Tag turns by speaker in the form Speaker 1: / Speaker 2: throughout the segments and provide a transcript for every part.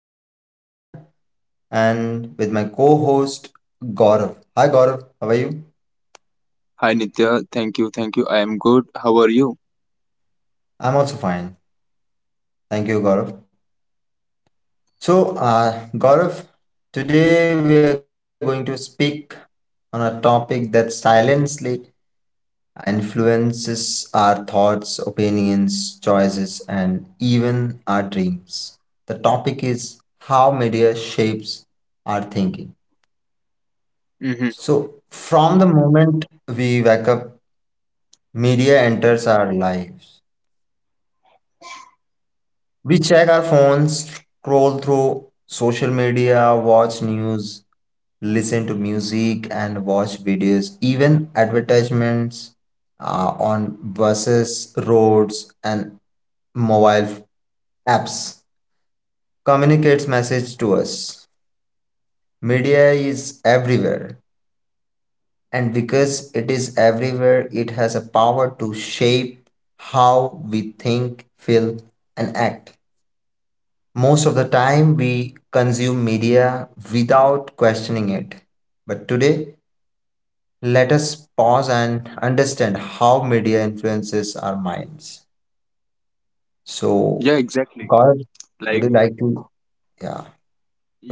Speaker 1: host Nitya and with my co-host Gaurav. Hi Gaurav, how are you?
Speaker 2: Hi Nitya, thank you. I am good. How are you?
Speaker 1: I'm also fine. Thank you Gaurav. So, Gaurav, today we are going to speak on a topic that silently influences our thoughts, opinions, choices and even our dreams. The topic is how media shapes our thinking. So,
Speaker 2: Mm-hmm.
Speaker 1: from the moment we wake up media enters our lives. We check our phones, scroll through social media, watch news, listen to music, and watch videos, even advertisements on buses, roads, and mobile apps. Communicates message to us. Media is everywhere, and because it is everywhere, it has a power to shape how we think, feel, and act. Most of the time, we consume media without questioning it. But today, let us pause and understand how media influences our minds.
Speaker 2: Yeah,
Speaker 1: So,
Speaker 2: exactly.
Speaker 1: God,
Speaker 2: Like,
Speaker 1: would you like to, yeah,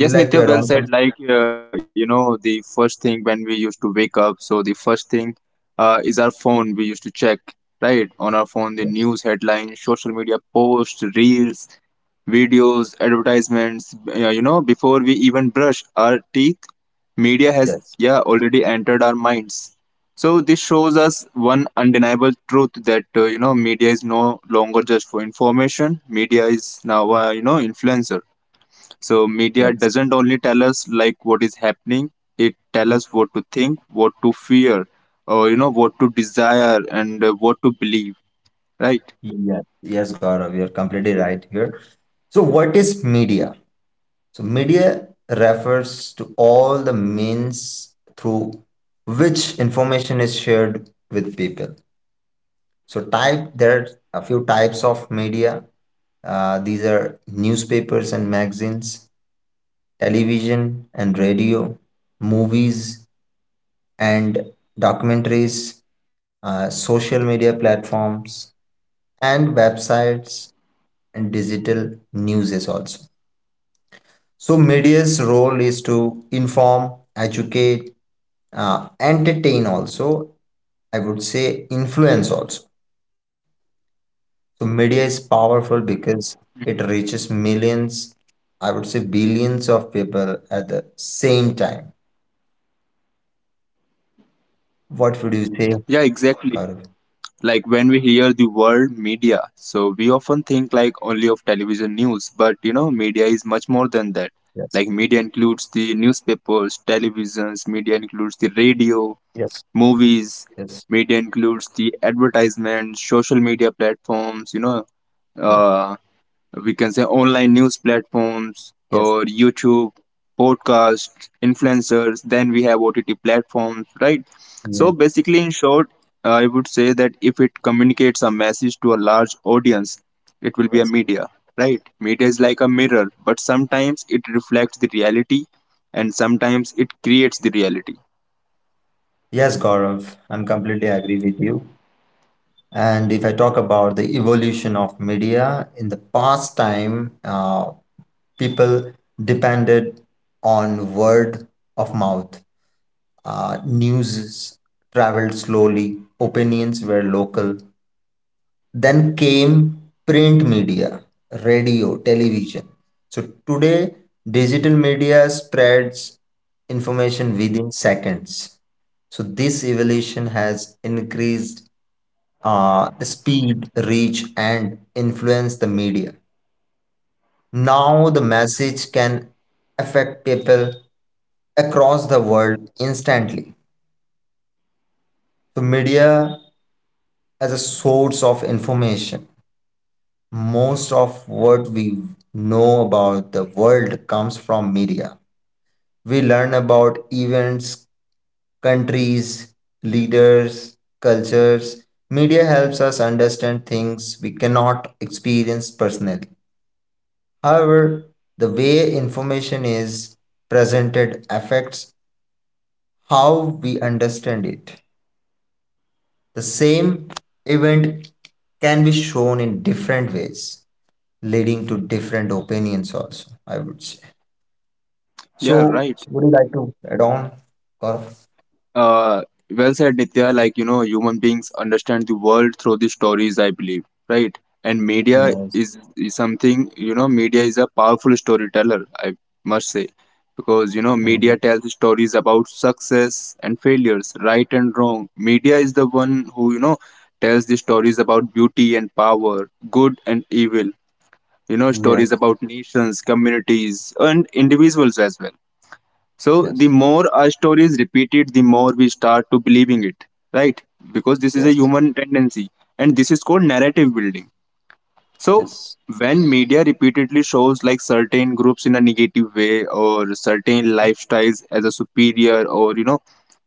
Speaker 1: would you like
Speaker 2: Nitya,
Speaker 1: to add
Speaker 2: well
Speaker 1: on
Speaker 2: said.
Speaker 1: something?
Speaker 2: Like, you know, the first thing when we used to wake up, so the first thing is our phone. We used to check, right, on our phone the news
Speaker 1: Yes,
Speaker 2: headlines, social media posts, reels, videos, advertisements, you know, before we even brush our teeth, media has
Speaker 1: yes,
Speaker 2: already entered our minds. So this shows us one undeniable truth that you know media is no longer just for information. Media is now you know influencer. So media
Speaker 1: yes.
Speaker 2: doesn't only tell us like what is happening; it tell us what to think, what to fear, or you know what to desire and what to believe. Right?
Speaker 1: Yes, yes, Gaurav, you're completely right here. So, what is media? So, media refers to all the means through which information is shared with people. So type there are a few types of media. These are newspapers and magazines, television and radio, movies and documentaries, social media platforms and websites and digital news is also. So media's role is to inform, educate, entertain also. I would say influence also. So media is powerful because it reaches millions, I would say billions of people at the same time. What would you say,
Speaker 2: Yeah, exactly.
Speaker 1: Gaurav?
Speaker 2: Like when we hear the word media so we often think like only of television news, but you know media is much more than that.
Speaker 1: Yes,
Speaker 2: Like media includes the newspapers, televisions, media includes the radio,
Speaker 1: yes,
Speaker 2: movies,
Speaker 1: yes,
Speaker 2: media includes the advertisements, social media platforms,
Speaker 1: yes,
Speaker 2: uh, we can say online news platforms or
Speaker 1: yes,
Speaker 2: YouTube, podcasts, influencers. Then we have OTT platforms, right?
Speaker 1: yeah,
Speaker 2: So basically, in short, I would say that if it communicates a message to a large audience, it will be a
Speaker 1: yes.
Speaker 2: media, right? Media is like a mirror, but sometimes it reflects the reality and sometimes it creates the reality.
Speaker 1: Yes, Gaurav, I'm completely agree with you. And if I talk about the evolution of media, in the past time, people depended on word of mouth. News traveled slowly, opinions were local. Then came print media, radio, television. So today, digital media spreads information within seconds. So this evolution has increased the speed, reach, and influence the media. Now the message can affect people across the world instantly. So media as a source of information. Most of what we know about the world comes from media. We learn about events, countries, leaders, cultures. Media helps us understand things we cannot experience personally. However, the way information is presented affects how we understand it. The same event can be shown in different ways, leading to different opinions, also, I would say.
Speaker 2: Yeah,
Speaker 1: So,
Speaker 2: right.
Speaker 1: would you like to add on, Gaurav?
Speaker 2: Uh, well said, Nitya. Like, you know, human beings understand the world through the stories, I believe, right? And media
Speaker 1: Yes.
Speaker 2: is, is something, you know, media is a powerful storyteller, I must say, because, you know,
Speaker 1: Mm.
Speaker 2: media tells stories about success and failures, right and wrong. Media is the one who, you know, tells the stories about beauty and power, good and evil, you know, stories
Speaker 1: Yes.
Speaker 2: about nations, communities, and individuals as well. So the
Speaker 1: Yes.
Speaker 2: more our story is repeated, the more we start to believing it, right? Because this is a
Speaker 1: Yes.
Speaker 2: human tendency, and this is called narrative building. So
Speaker 1: Yes.
Speaker 2: when media repeatedly shows like certain groups in a negative way, or certain lifestyles as a superior, or you know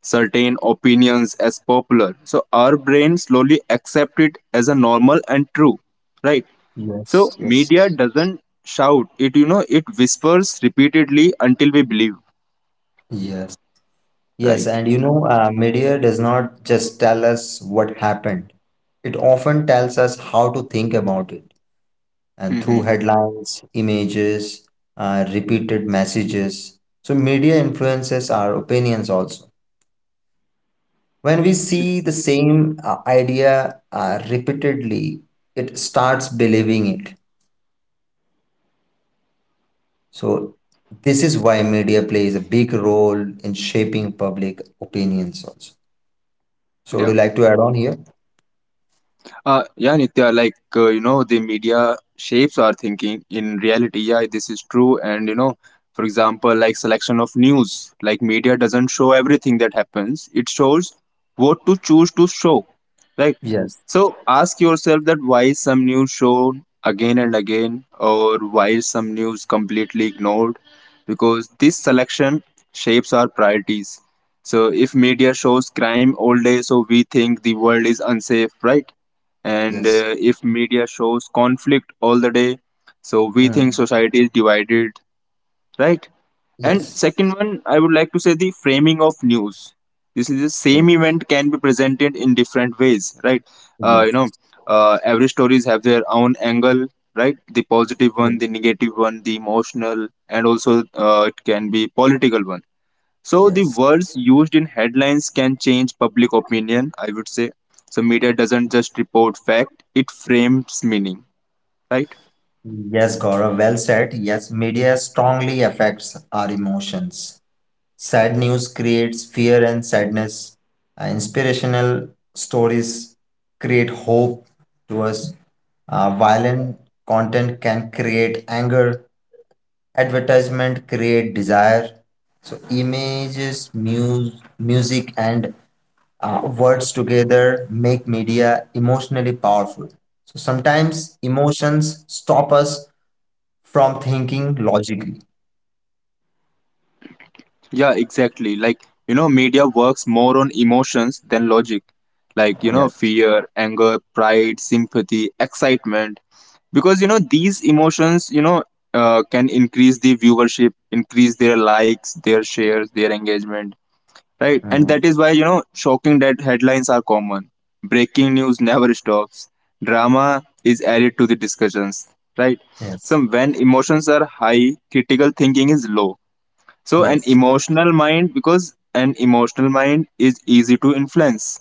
Speaker 2: certain opinions as popular, so our brain slowly accept it as a normal and true, right?
Speaker 1: Yes.
Speaker 2: So
Speaker 1: Yes.
Speaker 2: media doesn't shout it, you know it whispers repeatedly until we believe,
Speaker 1: Yes. Yes,
Speaker 2: right?
Speaker 1: and you know, media does not just tell us what happened. It often tells us how to think about it, and through
Speaker 2: Mm-hmm.
Speaker 1: headlines, images, repeated messages. So, media influences our opinions also. When we see the same idea repeatedly, it starts believing it. So, this is why media plays a big role in shaping public opinions also. So, would
Speaker 2: Yeah.
Speaker 1: you like to add on here?
Speaker 2: Yeah, Nitya, like, you know, the media shapes our thinking in reality. Yeah, this is true. And, you know, for example, like selection of news, like media doesn't show everything that happens. It shows what to choose to show, right?
Speaker 1: Yes.
Speaker 2: So ask yourself that why is some news shown again and again, or why is some news completely ignored? Because this selection shapes our priorities. So if media shows crime all day, so we think the world is unsafe, right? And
Speaker 1: Yes.
Speaker 2: if media shows conflict all the day, so we think
Speaker 1: Mm.
Speaker 2: society is divided, right. And
Speaker 1: Yes.
Speaker 2: second one, I would like to say the framing of news. This is the
Speaker 1: So,
Speaker 2: same event can be presented in different ways, right? uh, you know
Speaker 1: yes.
Speaker 2: every stories have their own angle, right, the positive one,
Speaker 1: Mm.
Speaker 2: the negative one, the emotional, and also it can be political one. So the
Speaker 1: Yes.
Speaker 2: words used in headlines can change public opinion, I would say. So media doesn't just report fact, it frames meaning, right?
Speaker 1: Yes, Gaurav, well said. Yes, media strongly affects our emotions. Sad news creates fear and sadness. Inspirational stories create hope to us. Violent content can create anger. Advertisement create desire. So images, music, and words together make media emotionally powerful. So sometimes emotions stop us from thinking logically.
Speaker 2: Yeah, exactly. Like, you know, media works more on emotions than logic. Like, you know,
Speaker 1: Yes.
Speaker 2: fear, anger, pride, sympathy, excitement. Because, these emotions, can increase the viewership, increase their likes, their shares, their engagement. Right, and that
Speaker 1: Mhm.
Speaker 2: is why you know shocking dead headlines are common. Breaking news never stops. Drama is added to the discussions. Right.
Speaker 1: Yes.
Speaker 2: So when emotions are high, critical thinking is low. So an
Speaker 1: Yes.
Speaker 2: emotional mind is easy to influence.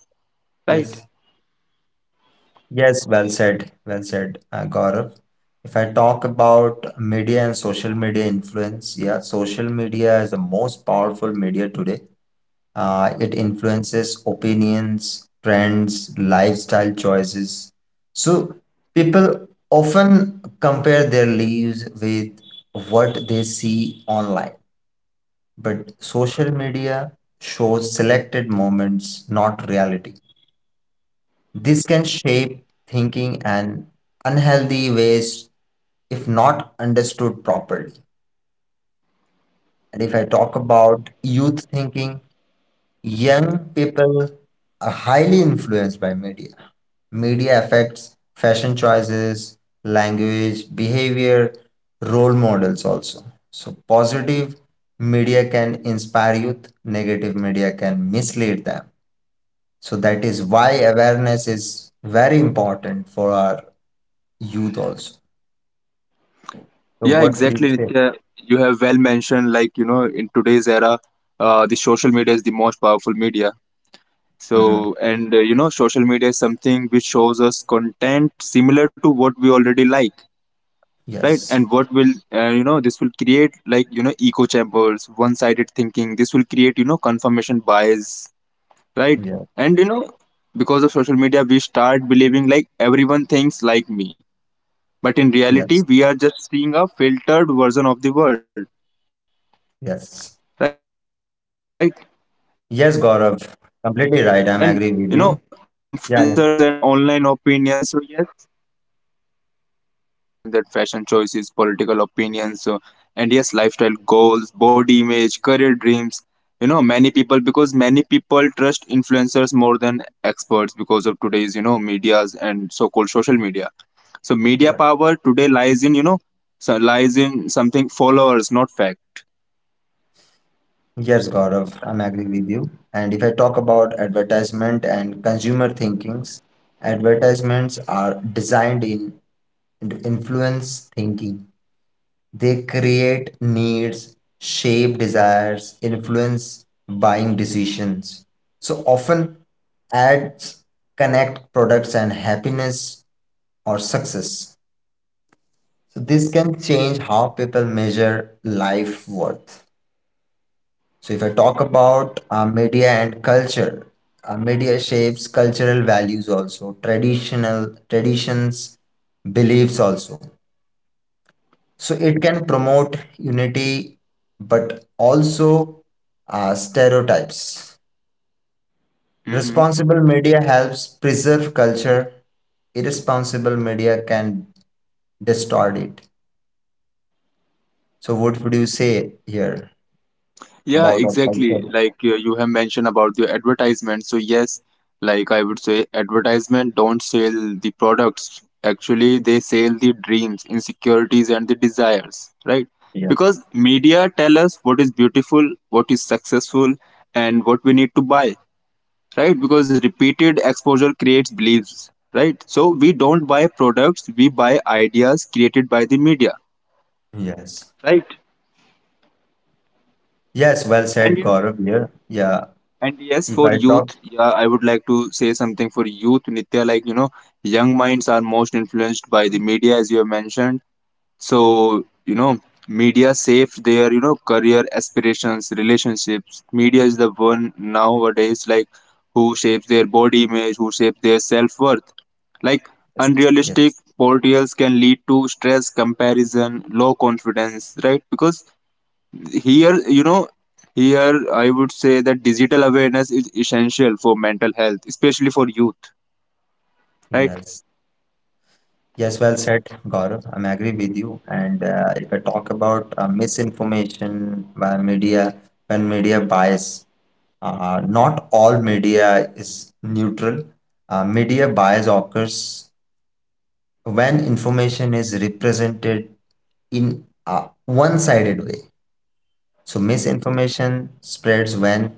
Speaker 2: Right.
Speaker 1: Yes. Yes, well said. Well said, Gaurav. If I talk about media and social media influence, yeah, social media is the most powerful media today. It influences opinions, trends, lifestyle choices. So people often compare their lives with what they see online, but social media shows selected moments, not reality. This can shape thinking and unhealthy ways if not understood properly. And if I talk about youth thinking, young people are highly influenced by media. Media affects fashion choices, language, behavior, role models also. So, positive media can inspire youth, negative media can mislead them. So, that is why awareness is very important for our youth also. So
Speaker 2: Yeah,
Speaker 1: what would you
Speaker 2: exactly,
Speaker 1: say?
Speaker 2: Nitya. You have well mentioned like you know in today's era, the social media is the most powerful media.
Speaker 1: Hmm.
Speaker 2: So, and you know, social media is something which shows us content similar to what we already like, right? And
Speaker 1: Yes,
Speaker 2: what will, you know, this will create like, you know, echo chambers, one sided thinking. This will create, you know, confirmation bias, right?
Speaker 1: yes,
Speaker 2: And, you know, because of social media, we start believing like everyone thinks like me. But in
Speaker 1: yes,
Speaker 2: reality, we are just seeing a filtered version of the world, right?
Speaker 1: yes.
Speaker 2: And, you know, influencers and online
Speaker 1: Yes, Gaurav,
Speaker 2: opinions. So, yes,
Speaker 1: completely right. I'm agree with you. Yeah, yeah,
Speaker 2: influencer shapes, I would say, like you have mentioned that fashion choices, political opinions, so, and yes, lifestyle goals, body image, career dreams, you know, many people trust influencers more than experts because of today's you know medias and so called social media. So media
Speaker 1: yeah.
Speaker 2: power today lies in lies in something, followers not fact.
Speaker 1: Yes, Gaurav, I'm agree with you. And if I talk about advertisement and consumer thinkings, advertisements are designed in to influence thinking. They create needs, shape desires, influence buying decisions. So often ads connect products and happiness or success. So this can change how people measure life worth. So if I talk about media and culture, media shapes cultural values also, traditional traditions, beliefs also. So it can promote unity but also stereotypes.
Speaker 2: Mhm.
Speaker 1: Responsible media helps preserve culture, irresponsible media can distort it. So what would you say here
Speaker 2: Yeah,
Speaker 1: about our culture?
Speaker 2: exactly. Like you have mentioned about the advertisement. So yes, like I would say, advertisement don't sell the products. Actually, they sell the dreams, insecurities, and the desires, right? Because media tell us what is beautiful, what is successful, and what we need to buy, right? Because repeated exposure creates beliefs, right? So we don't buy products, we buy ideas created by the media,
Speaker 1: Yeah, yes.
Speaker 2: right?
Speaker 1: Yes, well
Speaker 2: And
Speaker 1: said,
Speaker 2: yes,
Speaker 1: Gaurav, here. Yeah,
Speaker 2: And yes,
Speaker 1: if
Speaker 2: for
Speaker 1: I talk.
Speaker 2: youth, yeah, I would like to say something for youth, Nitya. Like, you know, young minds are most influenced by the media, as you have mentioned. So, you know, media shapes their, you know, career aspirations, relationships. Media is the one nowadays, like, who shapes their body image, who shapes their self worth. Like,
Speaker 1: Yes, yes.
Speaker 2: unrealistic portrayals can lead to stress, comparison, low confidence, right? Because here you know here I would say that digital awareness is essential for mental health, especially for youth, right.
Speaker 1: Yes. Yes, well said, Gaurav. I'm agree with you. And if I talk about misinformation by media and media bias, not all media is neutral. Media bias occurs when information is represented in a one-sided way. So misinformation spreads when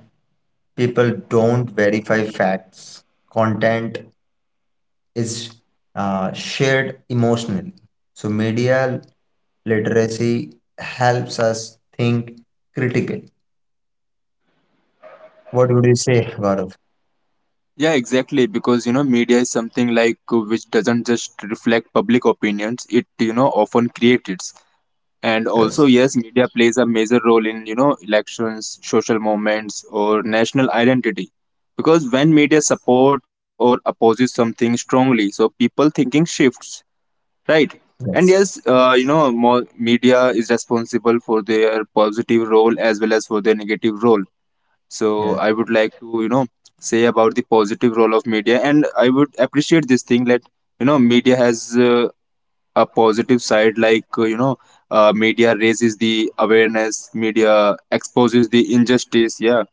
Speaker 1: people don't verify facts, content, is shared emotionally. So, media literacy helps us think critically. What would you say, Gaurav?
Speaker 2: Yeah, exactly, because you know media is something like which doesn't just reflect public opinions, it you know often creates it. And also
Speaker 1: Yes.
Speaker 2: yes, media plays a major role in you know elections, social movements, or national identity, because when media support or opposes something strongly, so people thinking shifts. Right. And
Speaker 1: Yes.
Speaker 2: yes, you know, more media is responsible for their positive role as well as for their negative role. So
Speaker 1: Yes.
Speaker 2: I would like to, you know, say about the positive role of media. And I would appreciate this thing that, you know, media has a positive side, like, media raises the awareness, media exposes the injustice. Yeah,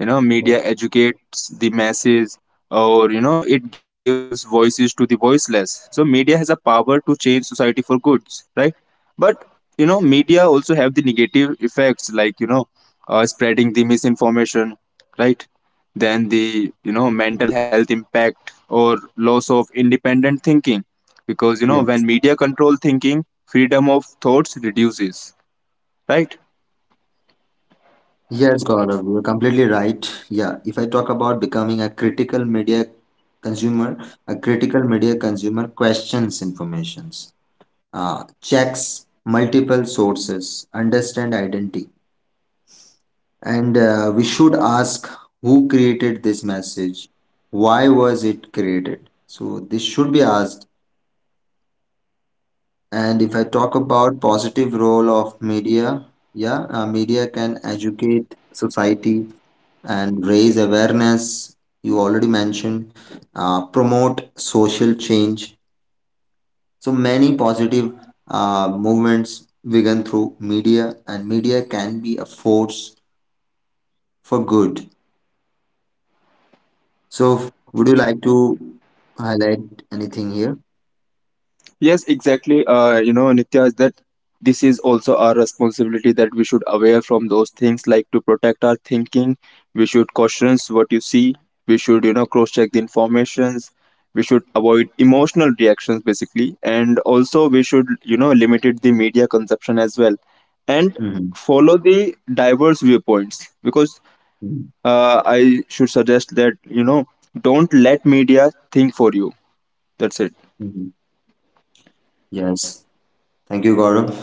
Speaker 2: you know media educates the masses, or you know it gives voices to the voiceless. So media has a power to change society for goods, right? But you know media also have the negative effects, like you know spreading the misinformation, right, then the you know mental health impact or loss of independent thinking, because you know when
Speaker 1: Yes.
Speaker 2: media control thinking, freedom of thoughts reduces, right.
Speaker 1: Yes, Gaurav, you're completely right. Yeah, if I talk about becoming a critical media consumer, a critical media consumer questions informations, checks multiple sources, understand identity. And we should ask, who created this message? Why was it created? So this should be asked. And if I talk about positive role of media, yeah, media can educate society and raise awareness. You already mentioned promote social change. So many positive movements begun through media, and media can be a force for good. So, would you like to highlight anything here?
Speaker 2: Yes, exactly. You know, Nitya, is that this is also our responsibility that we should aware from those things, like to protect our thinking. We should caution what you see. We should, you know, cross check the informations. We should avoid emotional reactions, basically, and also we should, you know, limited the media consumption as well, and
Speaker 1: Mm-hmm.
Speaker 2: follow the diverse viewpoints. Because I should suggest that you know, don't let media think for you. That's it.
Speaker 1: Hmm. Yes. Thank you, Gaurav.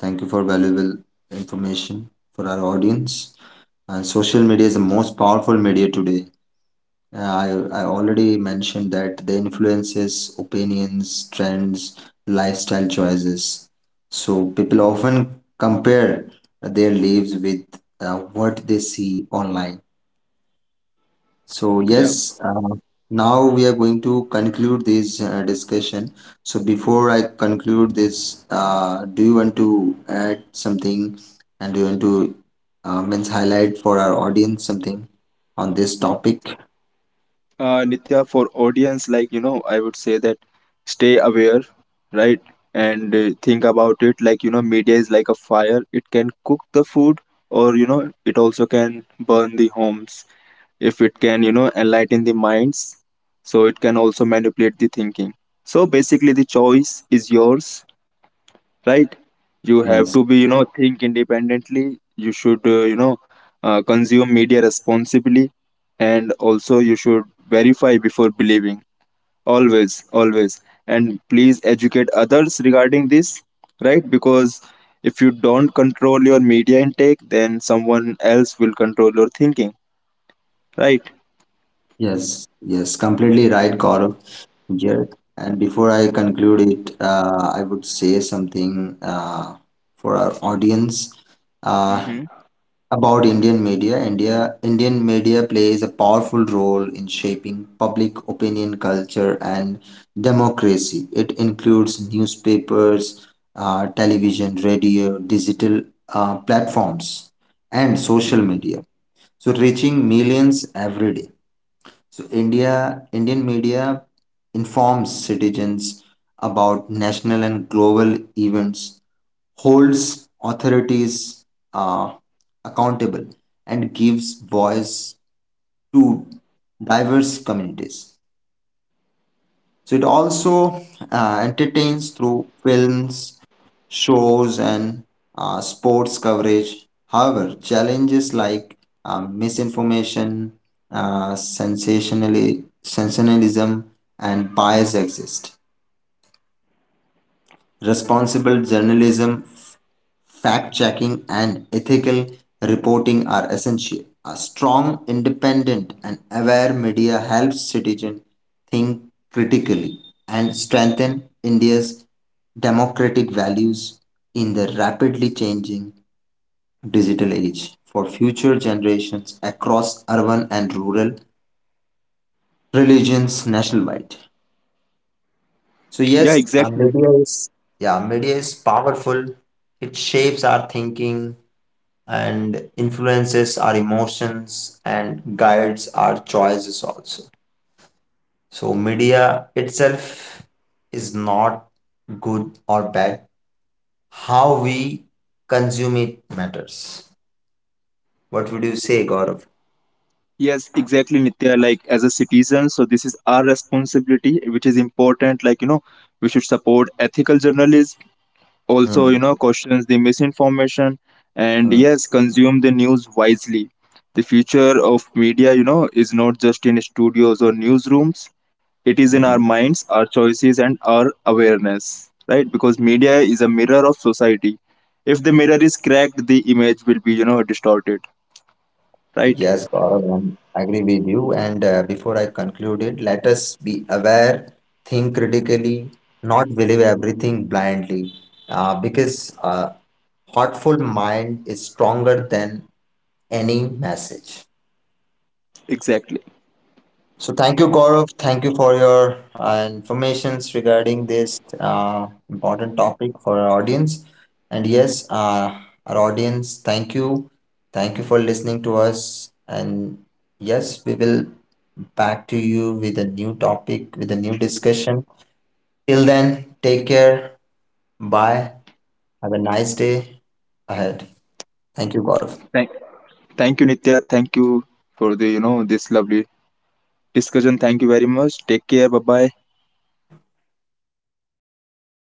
Speaker 1: Thank you for valuable information for our audience. Social media is the most powerful media today. Uh, I, I already mentioned that the influences, opinions, trends, lifestyle choices. So people often compare their lives with what they see online. So,
Speaker 2: Yeah.
Speaker 1: yes, now we are going to conclude this discussion. So, before I conclude this, do you want to add something and do you want to means highlight for our audience something on this topic?
Speaker 2: Nitya, for audience, like you know, I would say that stay aware, right, and think about it. Like you know, media is like a fire; it can cook the food, or you know, it also can burn the homes. If it can, you know, enlighten the minds, so it can also manipulate the thinking. So basically, the choice is yours, right. You have
Speaker 1: Yes,
Speaker 2: to be you know think independently, you should consume media responsibly, and also you should verify before believing, always. And please educate others regarding this, right, because if you don't control your media intake, then someone else will control your thinking, right.
Speaker 1: yes, yes, completely right, Gaurav. Yes. And before I conclude it, I would say something for our audience. Uh,
Speaker 2: Mm-hmm.
Speaker 1: About Indian media, Indian media plays a powerful role in shaping public opinion, culture, and democracy. It includes newspapers, television, radio, digital platforms, and social media. So reaching millions every day. So Indian media informs citizens about national and global events, holds authorities uh, accountable, and gives voice to diverse communities. So it also entertains through films, shows, and sports coverage. However, challenges like misinformation, sensationalism, and bias exist. Responsible journalism, fact checking, and ethical reporting are essential. A strong, independent, and aware media helps citizens think critically and strengthen India's democratic values in the rapidly changing digital age for future generations across urban and rural religions nationwide. So,
Speaker 2: Yeah,
Speaker 1: yes,
Speaker 2: exactly.
Speaker 1: yeah, media is powerful. It shapes our thinking and influences our emotions and guides our choices also. So, media itself is not good or bad. How we consume it matters. What would you say, Gaurav?
Speaker 2: Yes, exactly, Nitya. Like as a citizen, so this is our responsibility, which is important. Like you know, we should support ethical journalists. Also, you
Speaker 1: Mm,
Speaker 2: know, questions the misinformation, and
Speaker 1: mm,
Speaker 2: yes, consume the news wisely. The future of media, you know, is not just in studios or newsrooms. It is in our
Speaker 1: mhm.
Speaker 2: minds, our choices, and our awareness, right? Because media is a mirror of society. If the mirror is cracked, the image will be, you know, distorted, right?
Speaker 1: Yes, Gaurav, I agree with you. And before I conclude it, let us be aware, think critically, not believe everything blindly, because a thoughtful mind is stronger than any message.
Speaker 2: Exactly.
Speaker 1: So thank you, Gaurav. Thank you for your informations regarding this important topic for our audience. And yes, our audience, thank you for listening to us. And yes, we will back to you with a new topic, with a new discussion. Till then, take care. Bye. Have a nice day ahead. Thank you, Gaurav.
Speaker 2: Thank- Thank you, Nitya. Thank you for the you know this lovely discussion. Thank you very much. Take care. Bye bye.